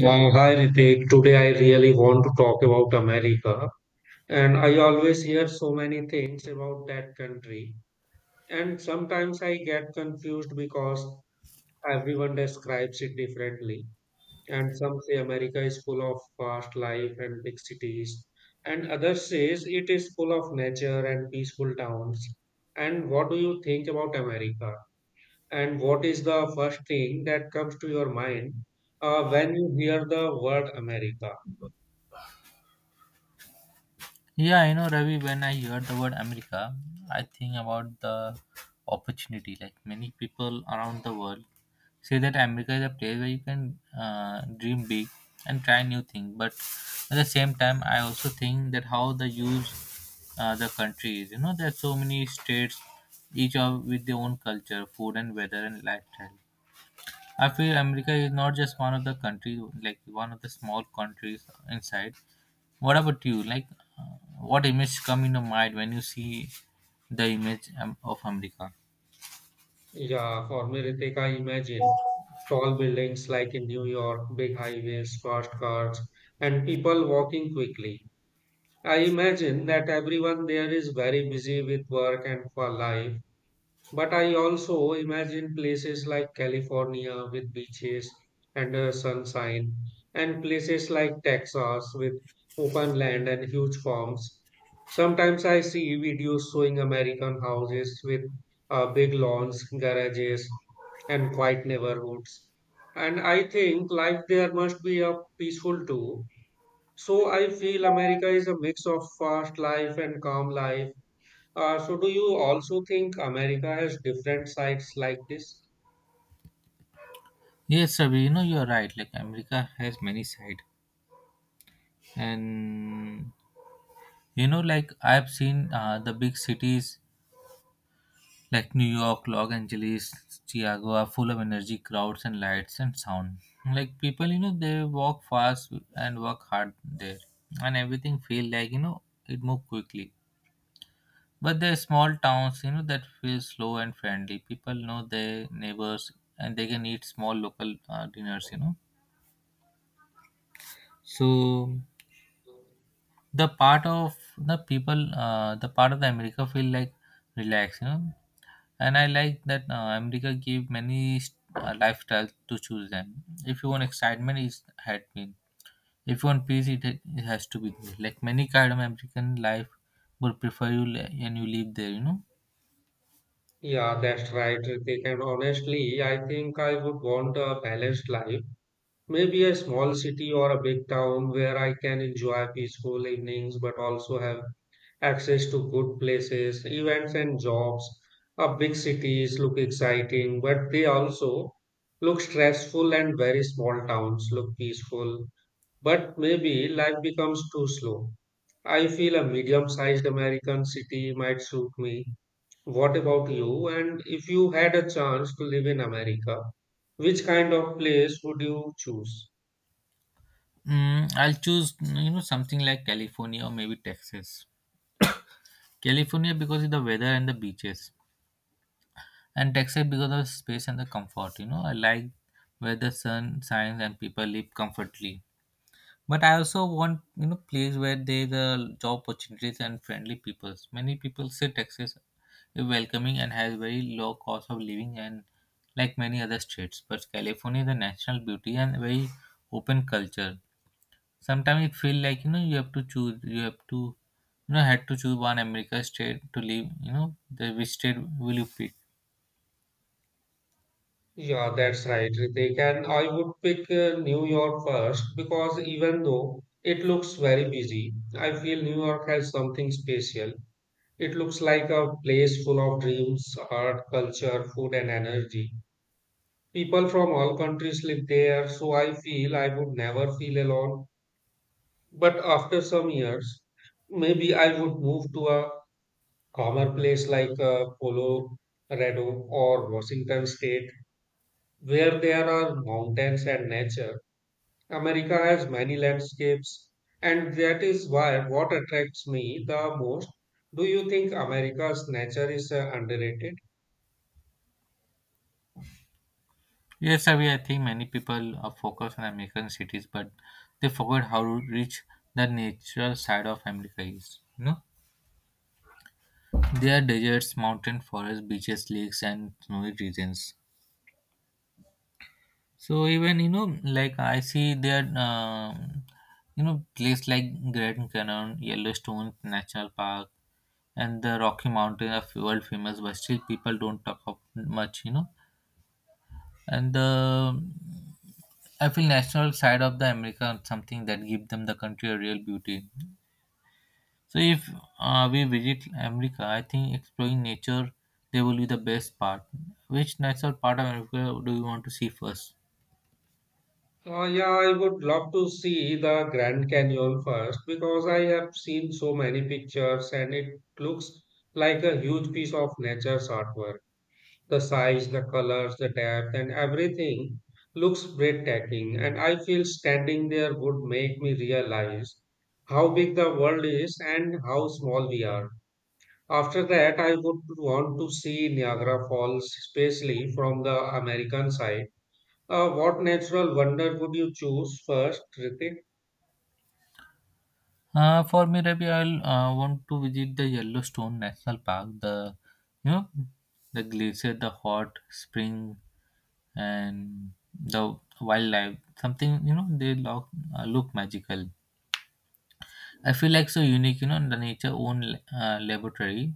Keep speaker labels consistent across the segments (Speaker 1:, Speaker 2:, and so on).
Speaker 1: Wow, hi Ritik. Today I really want to talk about America, and I always hear so many things about that country. And sometimes I get confused because everyone describes it differently. And some say America is full of fast life and big cities, and others says it is full of nature and peaceful towns. And what do you think about America? And what is the first thing that comes to your mind when you hear the word America?
Speaker 2: Yeah, I know, Ravi. When I hear the word America, I think about the opportunity. Like many people around the world say that America is a place where you can dream big and try new things. But at the same time, I also think that how the huge the country is. You know, there are so many states, each of with their own culture, food, and weather and lifestyle. I feel America is not just one of the countries, like one of the small countries inside. What about you? Uh, what image come in your mind when you see the image of America?
Speaker 1: Yeah, for me, Ritik, I imagine tall buildings like in New York, big highways, fast cars, and people walking quickly. I imagine that everyone there is very busy with work and for life, but I also imagine places like California with beaches and sunshine, and places like Texas with open land and huge farms. Sometimes I see videos showing American houses with big lawns, garages, and quiet neighborhoods. And I think life there must be a peaceful too. So I feel America is a mix of fast life and calm life, so do you also think America has different sides like this?
Speaker 2: Yes, Ravi, you know you're right. Like America has many side, and you know, like I've seen the big cities like New York, Los Angeles, Chicago are full of energy, crowds, and lights and sound. Like people, you know, they walk fast and work hard there, and everything feel like you know it move quickly. But they're small towns, you know, that feel slow and friendly. People know their neighbors and they can eat small local dinners, you know. So the part of the people, the part of the America feel like relaxed, you know. And I like that America give many lifestyles to choose them. If you want excitement, it had been. If you want peace, it has to be there. Like many kind of American life would prefer and you live there, you know.
Speaker 1: Yeah, that's right, Ritik. And honestly, I think I would want a balanced life. Maybe a small city or a big town where I can enjoy peaceful evenings but also have access to good places, events, and jobs. Big cities look exciting, but they also look stressful, and very small towns look peaceful. But maybe life becomes too slow. I feel a medium sized American city might suit me. What about you? And if you had a chance to live in America, which kind of place would you choose?
Speaker 2: Mm, I'll choose you know something like California or maybe Texas. California because of the weather and the beaches, and Texas because of space and the comfort. You know, I like where the sun shines and people live comfortably. But I also want you know place where there is a job opportunities and friendly peoples. Many people say Texas is welcoming and has very low cost of living and like many other states. But California is a national beauty and very open culture. Sometimes it feel like you know you have to choose. You have to you know had to choose one America state to live. You know the which state will you pick?
Speaker 1: Yeah, that's right, Ritik. And I would pick New York first because even though it looks very busy, I feel New York has something special. It looks like a place full of dreams, art, culture, food, and energy. People from all countries live there, so I feel I would never feel alone. But after some years, maybe I would move to a calmer place like Colorado or Washington State, where there are mountains and nature. America has many landscapes, and that is why what attracts me the most. Do you think America's nature is underrated?
Speaker 2: Yes, I, mean, I think many people are focused on American cities, but they forget how rich the natural side of America is. You know there are deserts, mountain forests, beaches, lakes, and snowy regions. So even you know, like I see there, you know, place like Grand Canyon, Yellowstone National Park, and the Rocky Mountain are world famous, but still people don't talk of much, you know. And the I feel national side of the America is something that give them the country a real beauty. So if we visit America, I think exploring nature they will be the best part. Which natural part of America do you want to see first?
Speaker 1: Yeah, I would love to see the Grand Canyon first because I have seen so many pictures and it looks like a huge piece of nature's artwork. The size, the colors, the depth, and everything looks breathtaking. And I feel standing there would make me realize how big the world is and how small we are. After that, I would want to see Niagara Falls, especially from the American side. What natural wonder would you choose first, Ritik?
Speaker 2: For me, Rabi, I'll want to visit the Yellowstone National Park, the you know the glacier, the hot spring, and the wildlife. Something you know they look look magical. I feel like so unique, you know, in the nature own laboratory.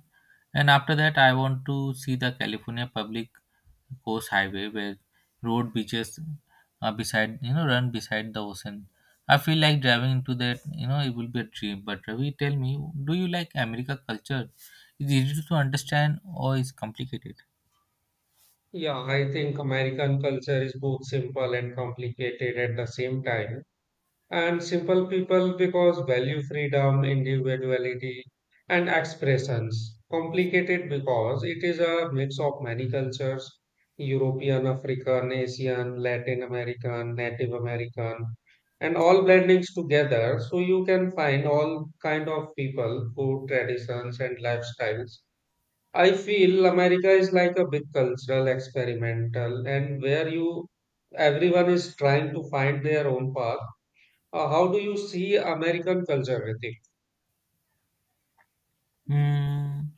Speaker 2: And after that, I want to see the California public coast highway where road beaches beside, you know, run beside the ocean. I feel like driving into that, you know, it will be a dream. But Ravi, tell me, do you like America culture? Is it easy to understand or is complicated?
Speaker 1: Yeah, I think American culture is both simple and complicated at the same time. And simple people because value freedom, individuality, and expressions. Complicated because it is a mix of many cultures: European, African, Asian, Latin American, Native American, and all blendings together. So you can find all kind of people, food traditions, and lifestyles. I feel America is like a big cultural experimental, and where you everyone is trying to find their own path. How do you see American culture, Hrithik?
Speaker 2: Hmm.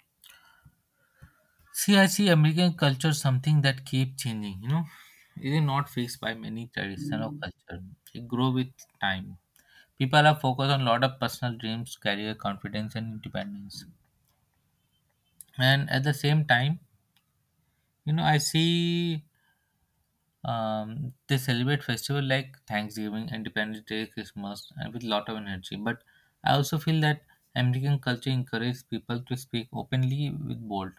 Speaker 2: See, I see American culture something that keep changing. You know, it is not fixed by many tradition or culture. It grow with time. People are focused on a lot of personal dreams, career, confidence, and independence. And at the same time, you know, I see they celebrate festival like Thanksgiving, Independence Day, Christmas, and with lot of energy. But I also feel that American culture encourages people to speak openly with bold.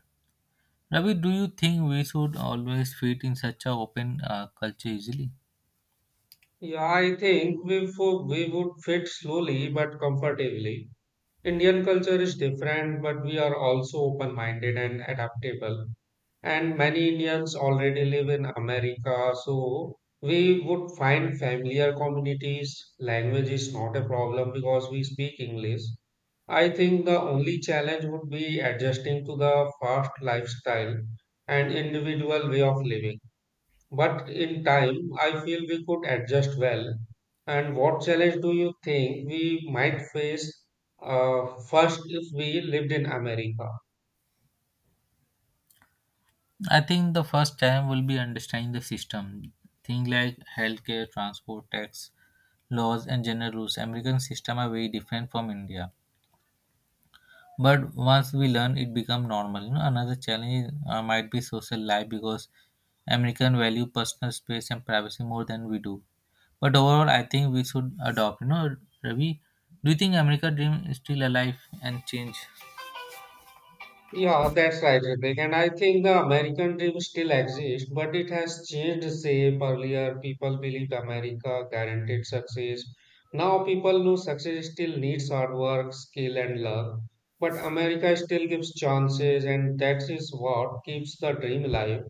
Speaker 2: Ravi, do you think we should always fit in such a open culture easily?
Speaker 1: Yeah, I think we would fit slowly but comfortably. Indian culture is different, but we are also open minded and adaptable. And many Indians already live in America, so we would find familiar communities. Language is not a problem because we speak English. I think the only challenge would be adjusting to the fast lifestyle and individual way of living. But in time, I feel we could adjust well. And what challenge do you think we might face first if we lived in America?
Speaker 2: I think the first time will be understanding the system. Things like healthcare, transport, tax, laws, and general rules. American system are very different from India. But once we learn, it become normal. You know, another challenge might be social life because American value personal space and privacy more than we do. But overall, I think we should adopt. You know, Ravi, do you think America dream is still alive and change?
Speaker 1: Yeah, that's right, Hrithik. And I think the American dream still exists, but it has changed shape. Earlier, people believed America guaranteed success. Now, people know success still needs hard work, skill, and luck. But America still gives chances, and that is what keeps the dream alive.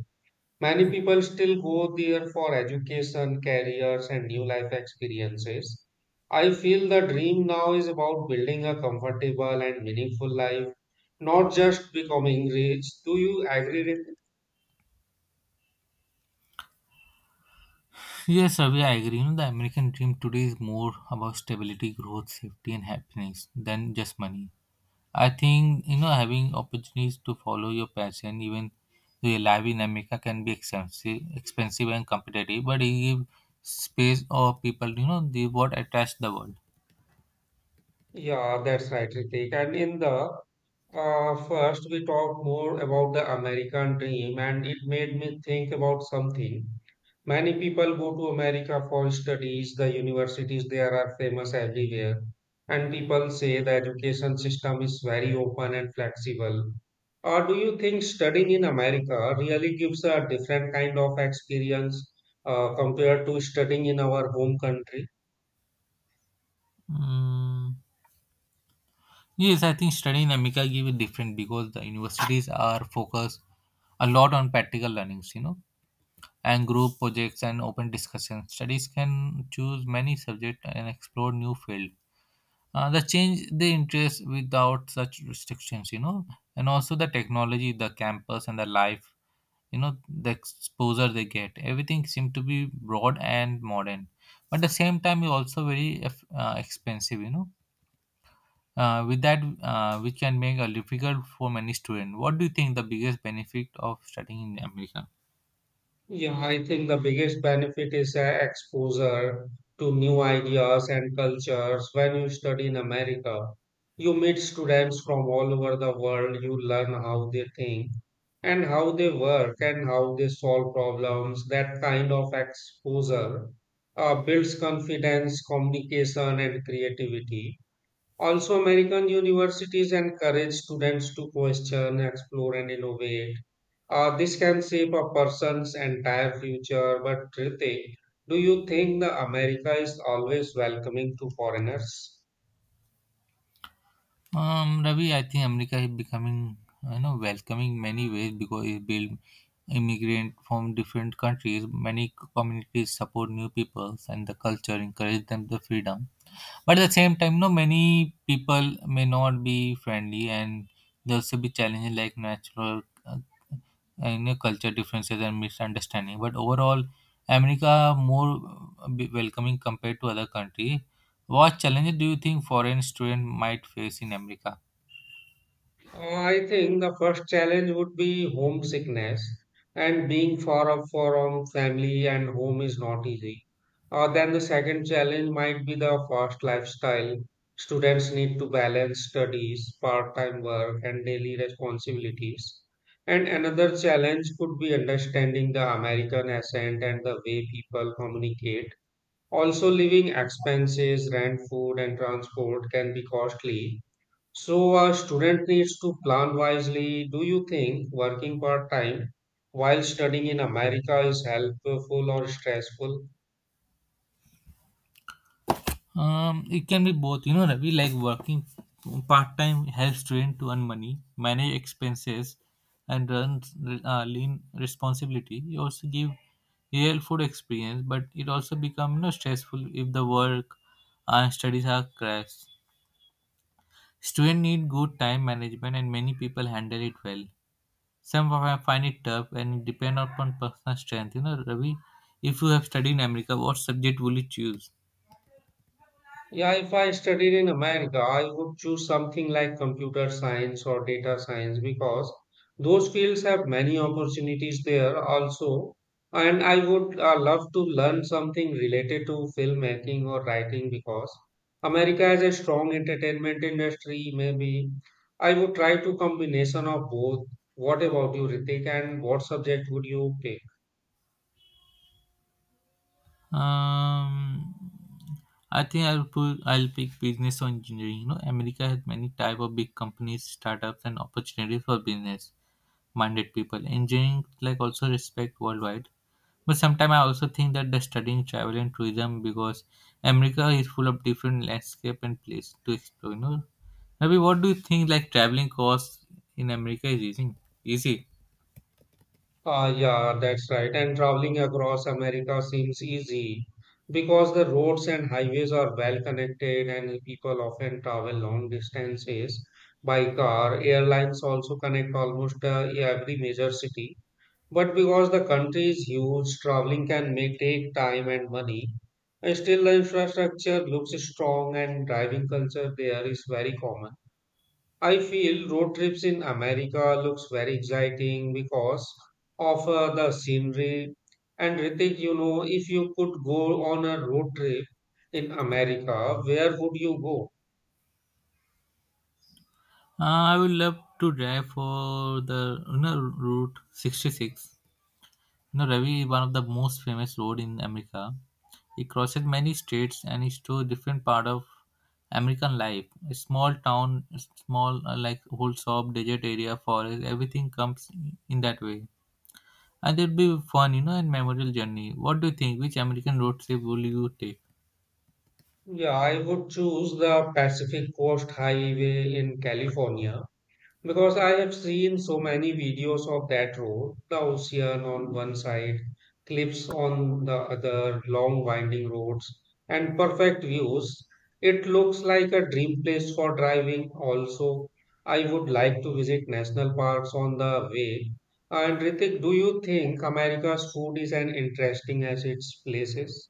Speaker 1: Many people still go there for education, careers, and new life experiences. I feel the dream now is about building a comfortable and meaningful life, not just becoming rich. Do you agree with
Speaker 2: Yes, Ravi, I agree. You know, the American dream today is more about stability, growth, safety, and happiness than just money. I think, you know, having opportunities to follow your passion, even though your life in America can be expensive, expensive and competitive, but it gives space or people, you know, they what attracts the world.
Speaker 1: Yeah, that's right, Ritik. And in the first, we talked more about the American dream, and it made me think about something. Many people go to America for studies. The universities there are famous everywhere. And people say the education system is very open and flexible. Or do you think studying in America really gives a different kind of experience, compared to studying in our home country?
Speaker 2: Mm. Yes, I think studying in America give it different because the universities are focused a lot on practical learnings, you know and group projects and open discussion. Studies can choose many subjects and explore new field. The change the interest without such restrictions, you know, and also the technology, the campus, and the life, you know, the exposure they get. Everything seems to be broad and modern, but at the same time, it's also very expensive, you know. With that, which can make a difficult for many students. What do you think the biggest benefit of studying in America?
Speaker 1: Yeah, I think the biggest benefit is exposure to new ideas and cultures. When you study in America, you meet students from all over the world. You learn how they think and how they work and how they solve problems. That kind of exposure builds confidence, communication, and creativity. Also, American universities encourage students to question, explore, and innovate. This can shape a person's entire future, but Ritik, do you think the America is always welcoming to foreigners?
Speaker 2: Ravi, I think America is becoming, you know, welcoming many ways because it built immigrant from different countries. Many communities support new peoples and the culture encourage them the freedom. But at the same time, no, many people may not be friendly and there also be challenges like natural, you know, culture differences and misunderstanding. But overall, America more welcoming compared to other country. What challenges do you think foreign student might face in America?
Speaker 1: I think the first challenge would be homesickness and being far up from family and home is not easy. Then the second challenge might be the fast lifestyle. Students need to balance studies, part-time work, and daily responsibilities. And another challenge could be understanding the American accent and the way people communicate. Also, living expenses, rent, food, and transport can be costly. So a student needs to plan wisely. Do you think working part time while studying in America is helpful or stressful?
Speaker 2: It can be both, you know, Ravi, like working part time helps student to earn money, manage expenses, and run lean responsibility. You also give real food experience, but it also become you know, stressful if the work and studies are crash. Student need good time management, and many people handle it well. Some of them find it tough, and it depend upon personal strength. You know, Ravi, if you have studied in America, what subject will you choose?
Speaker 1: Yeah, if I studied in America, I would choose something like computer science or data science because those fields have many opportunities there also. And I would love to learn something related to filmmaking or writing because America has a strong entertainment industry. Maybe I would try to combination of both. What about you, Ritik? And what subject would you pick?
Speaker 2: Um, I think I'll pick business or engineering. You know, America has many type of big companies, startups, and opportunities for business minded people. Engineering like also respect worldwide. But sometimes I also think that the studying travel and tourism because America is full of different landscape and place to explore. You know, Ravi, what do you think like traveling costs in America is easy? Easy.
Speaker 1: Ah, yeah, that's right. And traveling across America seems easy because the roads and highways are well connected, and people often travel long distances by car. Airlines also connect almost every major city. But because the country is huge, traveling can may take time and money. Still, the infrastructure looks strong, and driving culture there is very common. I feel road trips in America looks very exciting because of the scenery. And Ritik, you know, if you could go on a road trip in America, where would you go?
Speaker 2: Uh, I would love to drive for the you know, route 66. You know, Ravi is one of the most famous road in America. It crosses many states and is to different part of American life. A small town, small like whole shop, desert area, forest, everything comes in that way. And it'll be fun, you know, and memorable journey. What do you think? Which American road trip will you take?
Speaker 1: Yeah, I would choose the Pacific Coast Highway in California. Because I have seen so many videos of that road, the ocean on one side, cliffs on the other, long winding roads, and perfect views. It looks like a dream place for driving. Also, I would like to visit national parks on the way. And Ritik, do you think America's food is as interesting as its places?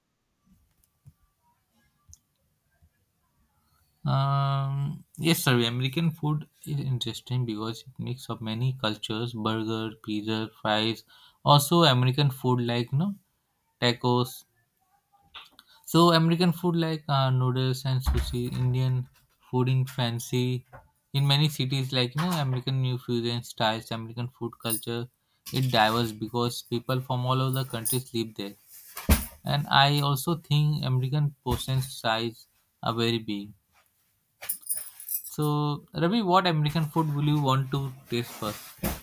Speaker 2: Yes, sir. American food is interesting because it mix of many cultures: burger, pizza, fries. Also, American food like you know tacos, so American food like noodles and sushi, Indian food in fancy. In many cities, like you know, American new fusion styles, American food culture, it diverse because people from all over the countries live there. And I also think American portion size are very big. So Ravi, what American food will you want to taste first?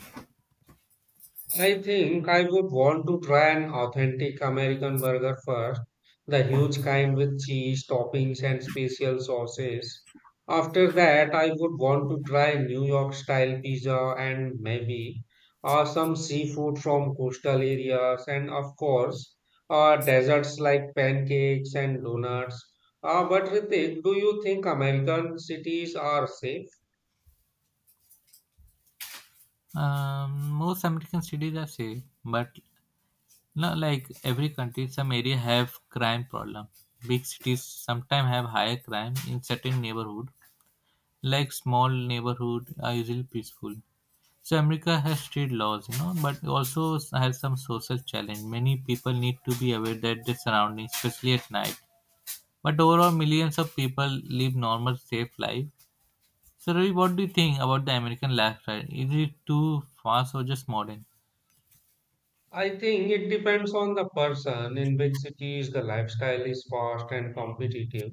Speaker 1: I think I would want to try an authentic American burger first, the huge kind with cheese, toppings, and special sauces. After that, I would want to try New York style pizza and maybe some seafood from coastal areas, and of course, desserts like pancakes and donuts. But Ritik, do you think American cities are safe?
Speaker 2: Most American cities are safe, but no, like every country, some area have crime problem. Big cities sometimes have higher crime in certain neighborhood. Like small neighborhood are usually peaceful. So America has strict laws, you know, but also has some social challenge. Many people need to be aware that their surroundings, especially at night. But overall, millions of people live normal, safe life. So, Ravi, what do you think about the American lifestyle? Is it too fast or just modern?
Speaker 1: I think it depends on the person. In big cities, the lifestyle is fast and competitive,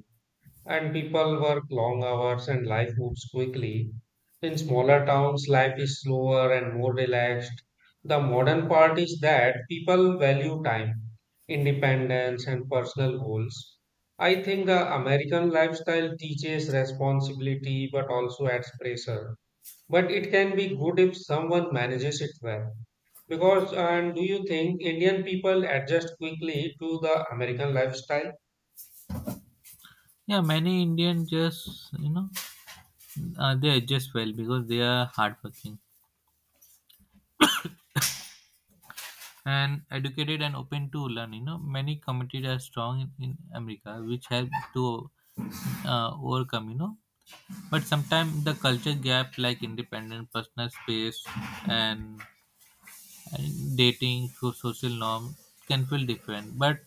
Speaker 1: and people work long hours and life moves quickly. In smaller towns, life is slower and more relaxed. The modern part is that people value time, independence, and personal goals. I think the American lifestyle teaches responsibility but also adds pressure. But it can be good if someone manages it well. Because, and do you think Indian people adjust quickly to the American lifestyle?
Speaker 2: Yeah, many Indians just you know they adjust well because they are hardworking and educated and open to learn. You know, many communities are strong in America, which help to overcome. You know, but sometimes the culture gap, like independent personal space and, and dating, so social norm, can feel different. But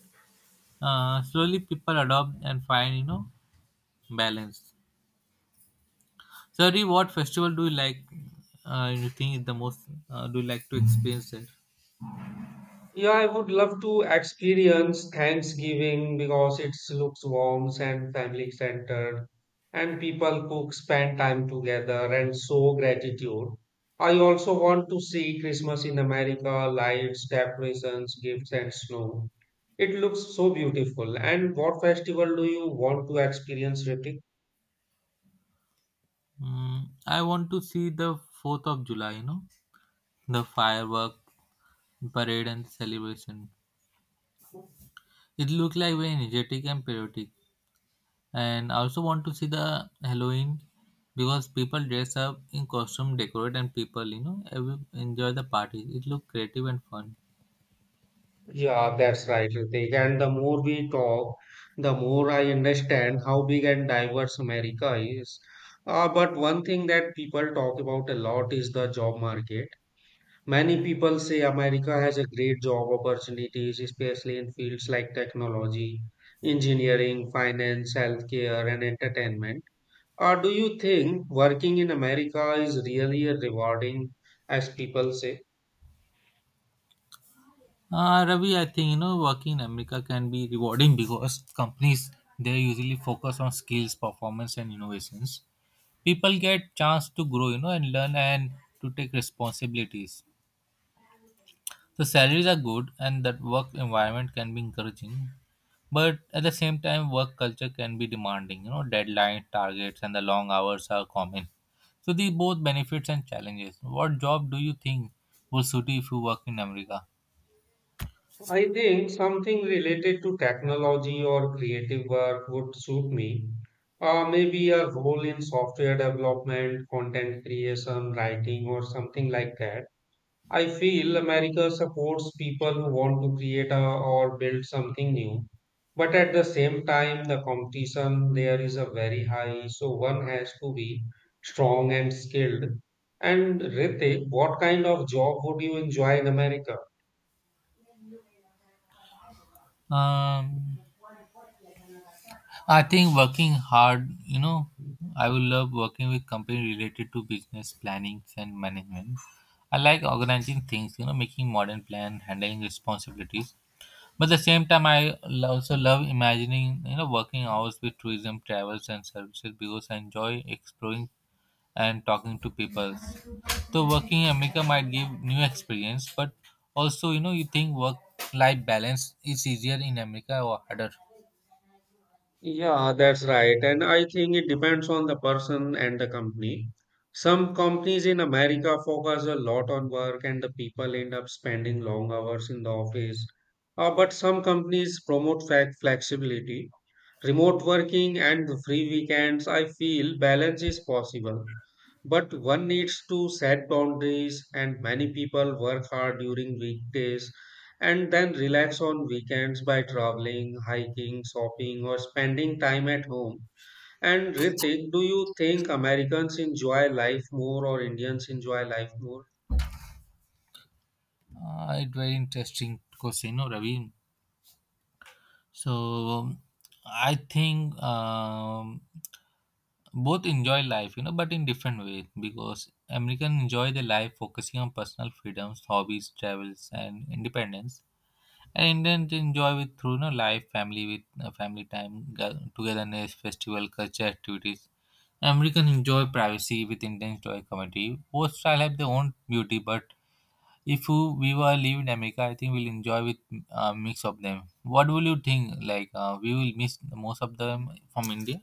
Speaker 2: slowly people adopt and find you know balance. Sorry, what festival do you like? You think is the most? Do you like to experience it?
Speaker 1: Yeah, I would love to experience Thanksgiving because it looks warm and family centered, and people cook, spend time together, and show gratitude. I also want to see Christmas in America, lights, decorations, gifts, and snow. It looks so beautiful. And what festival do you want to experience, Ritik?
Speaker 2: Mm, I want to see the 4th of July, you know, the firework parade and celebration. It looked like very energetic and patriotic. And I also want to see the Halloween because people dress up in costume, decorate, and people, you know, enjoy the party. It looked creative and fun.
Speaker 1: Yeah, that's right, Ritik. And the more we talk, the more I understand how big and diverse America is. But one thing that people talk about a lot is the job market. Many people say America has a great job opportunities, especially in fields like technology, engineering, finance, healthcare, and entertainment. Do you think working in America is really rewarding, as people say?
Speaker 2: Ravi, I think, you know, working in America can be rewarding because companies, they usually focus on skills, performance, and innovations. People get chance to grow, you know, and learn and to take responsibilities. The salaries are good and that work environment can be encouraging, but at the same time work culture can be demanding, you know, deadlines, targets and the long hours are common. So these both benefits and challenges. What job do you think would suit you if you work in america?
Speaker 1: I think something related to technology or creative work would suit me. Maybe a role in software development, content creation, writing, or something like that. I feel America supports people who want to create a, or build something new. But at the same time, the competition there is a very high, so one has to be strong and skilled. And Ritik, what kind of job would you enjoy in America?
Speaker 2: um I think working hard, you know, I will love working with company related to business planning and management. I like organizing things, you know, making modern plan, handling responsibilities. But at the same time, also love imagining, you know, working hours with tourism, travels, and services because I enjoy exploring and talking to people. So working in America might give new experience, but also, you know, you think work-life balance is easier in America or harder?
Speaker 1: Yeah, that's right. And I think it depends on the person and the company. Some companies in America focus a lot on work and the people end up spending long hours in the office. But some companies promote flexibility, remote working and free weekends, I feel balance is possible. But one needs to set boundaries, and many people work hard during weekdays and then relax on weekends by traveling, hiking, shopping, or spending time at home. And Ritik, do you think Americans enjoy life more or Indians enjoy life more?
Speaker 2: It's very interesting question, no, Ravi. So um, I think both enjoy life, you know, but in different ways because Americans enjoy their life focusing on personal freedoms, hobbies, travels, and independence. And Indians enjoy with through, you know, life, family with family time, togetherness, festival, culture activities. Americans enjoy privacy with Indians enjoy community. Both style have their own beauty, but if you- we were live in America, I think we'll enjoy with a mix of them. What will you think? Like we will miss most of them from India.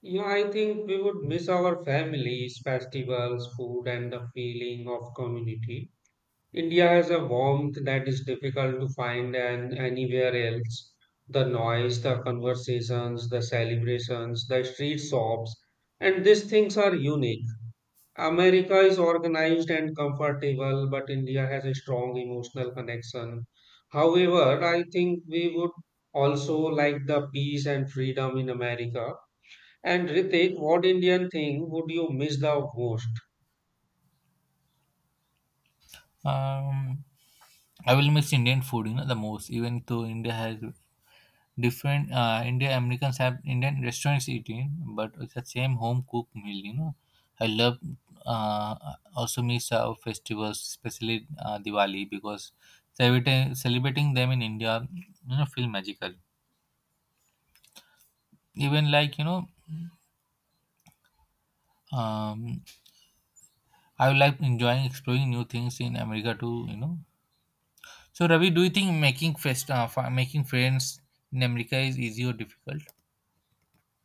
Speaker 1: Yeah, I think we would miss our families, festivals, food, and the feeling of community. India has a warmth that is difficult to find and anywhere else. The noise, the conversations, the celebrations, the street shops, and these things are unique. America is organized and comfortable, but India has a strong emotional connection. However, I think we would also like the peace and freedom in America. And Ritik, what Indian thing would you miss the most?
Speaker 2: Um, I will miss Indian food, you know, the most. Even though India has different, India Americans have Indian restaurants eating, but it's the same home cooked meal. You know, I love. Uh, Also miss our festivals, especially Diwali, because celebrating them in India, you know, feel magical. Even like, you know, um, I would like enjoying exploring new things in America too. You know. So Ravi, do you think making friends in America is easy or difficult?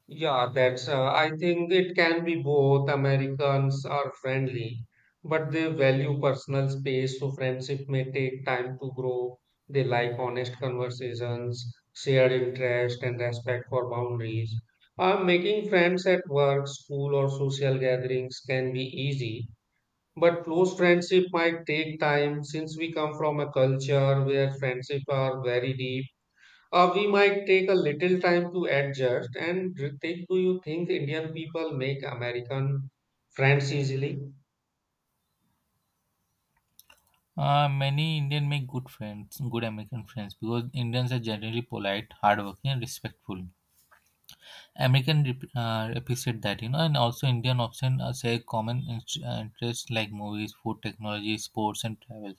Speaker 1: Yeah, that's, I think it can be both. Americans are friendly, but they value personal space, so friendship may take time to grow. They like honest conversations, shared interest, and respect for boundaries. Making friends at work, school, or social gatherings can be easy, but close friendship might take time since we come from a culture where friendships are very deep we might take a little time to adjust. And Ritik, do you think Indian people make American friends easily?
Speaker 2: Many Indian make good friends, good American friends, because Indians are generally polite, hardworking, and respectful. Appreciate that, you know, and also Indian often share common interests like movies, food, technology, sports, and travel.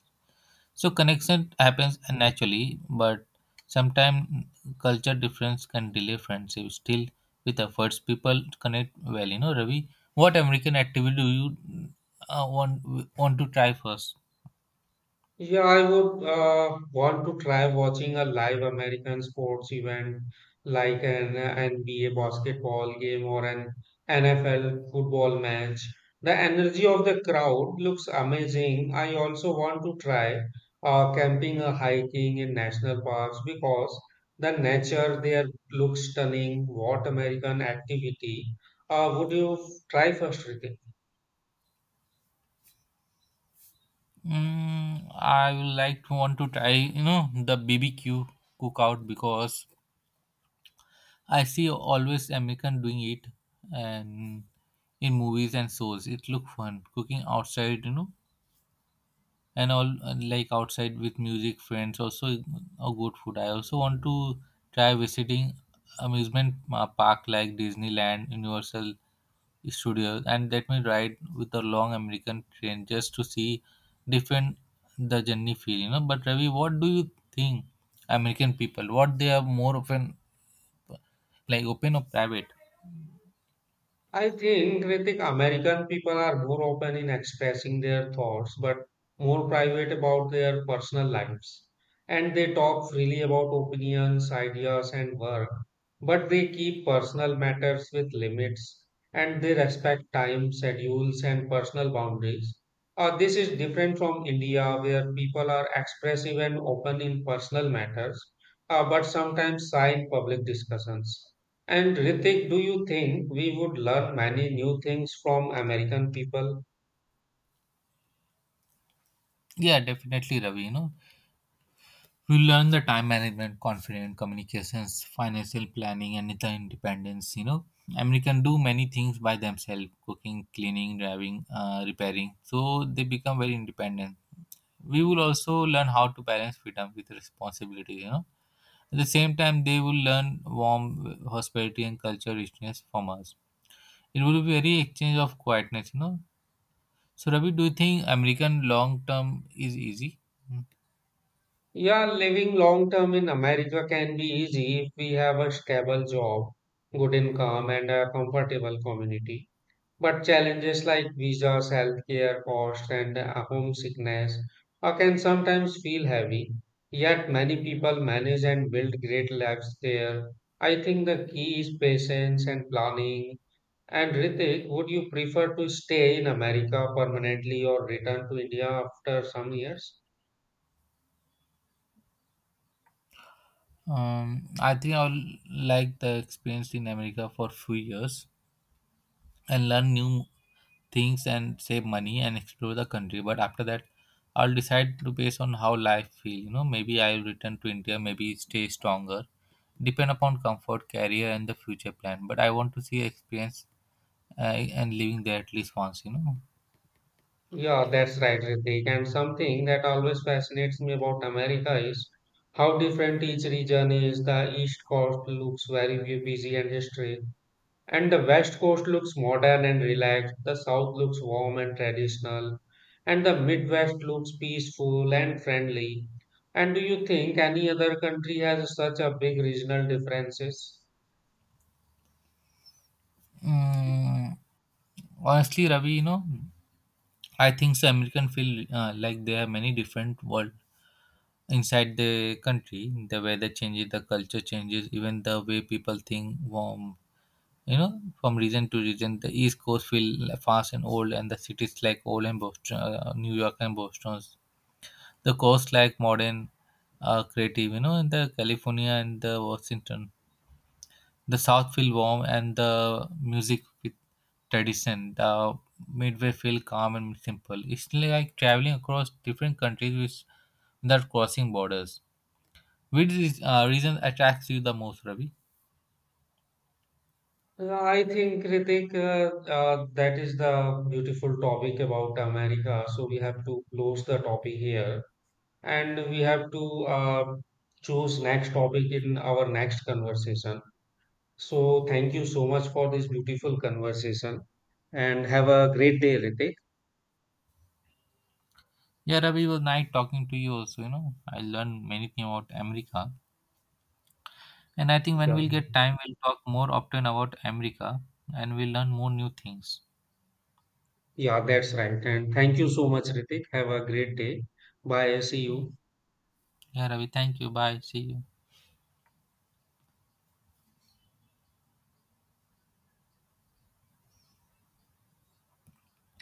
Speaker 2: So connection happens naturally, but sometimes culture difference can delay friendship. Still, with efforts, people connect well. You know, Ravi, what American activity do you uh, want want to try first?
Speaker 1: Yeah, I would want to try watching a live American sports event like an NBA basketball game or an NFL football match. The energy of the crowd looks amazing. I also want to try camping or hiking in national parks because the nature there looks stunning. What American activity would you try first, Ritik?
Speaker 2: Mm, I would like to want to try. You know, the BBQ cookout because I see always American doing it and in movies and shows. It look fun cooking outside. You know, and all and like outside with music friends also a good food. I also want to try visiting amusement park like Disneyland, Universal Studios, and let me ride with a long american train just to see different the journey feel, you know. But Ravi, what do you think American people, what they are more often, like open or private?
Speaker 1: I think Kritik, American people are more open in expressing their thoughts but more private about their personal lives. And they talk freely about opinions, ideas, and work, but they keep personal matters with limits and they respect time, schedules, and personal boundaries. This is different from India, where people are expressive and open in personal matters, but sometimes shy in public discussions. And Ritik, do you think we would learn many new things from American people?
Speaker 2: Yeah, definitely, Ravi, you know, we learn the time management, confident communications, financial planning, and the independence. You know, American do many things by themselves: cooking, cleaning, driving, repairing. So they become very independent. We will also learn how to balance freedom with responsibility. You know, at the same time, they will learn warm hospitality and culture richness from us. It will be very exchange of quietness. You know. So Ravi, do you think American long term is easy? Hmm.
Speaker 1: Yeah, living long term in America can be easy if we have a stable job, good income, and a comfortable community. But challenges like visas, healthcare costs, and homesickness can sometimes feel heavy. Yet many people manage and build great lives there. I think the key is patience and planning. And Ritik, would you prefer to stay in America permanently or return to India after some years?
Speaker 2: I think I will like the experience in America for few years and learn new things and save money and explore the country. But after that, I'll decide to based on how life feel. You know, maybe I'll return to India, maybe stay stronger, depend upon comfort, career, and the future plan. But I want to see experience uh, and living there at least once. You know,
Speaker 1: Yeah, that's right, Ritik. And something that always fascinates me about America is how different each region is. The East Coast looks very busy and history, and the West Coast looks modern and relaxed. The South looks warm and traditional, and the Midwest looks peaceful and friendly. And do you think any other country has such a big regional differences?
Speaker 2: mm, honestly, Ravi, you know, I think the American feel like there are many different world inside the country. The weather changes, the culture changes, even the way people think warm, you know, from region to region. The east coast feel fast and old and the cities like old and Boston, New York and Boston. The coast like modern, creative, you know, in the California and the Washington. The south feel warm and the music with tradition. The midway feel calm and simple. It's like traveling across different countries without crossing borders. Which is, reason attracts you the most, Ravi?
Speaker 1: I think, Ritik, that is the beautiful topic about America. So we have to close the topic here and we have to choose next topic in our next conversation. So thank you so much for this beautiful conversation and have a great day, Ritik.
Speaker 2: Yeah, Ravi, it was nice talking to you also, you know. I learned many things about America. And I think when
Speaker 1: Yeah,
Speaker 2: we'll get time, we'll talk more often about America, and we'll learn more new things.
Speaker 1: yeah, that's right. And thank you so much, Ritik. Have a great day. Bye. See you.
Speaker 2: Yeah, Ravi, thank you. Bye. See you.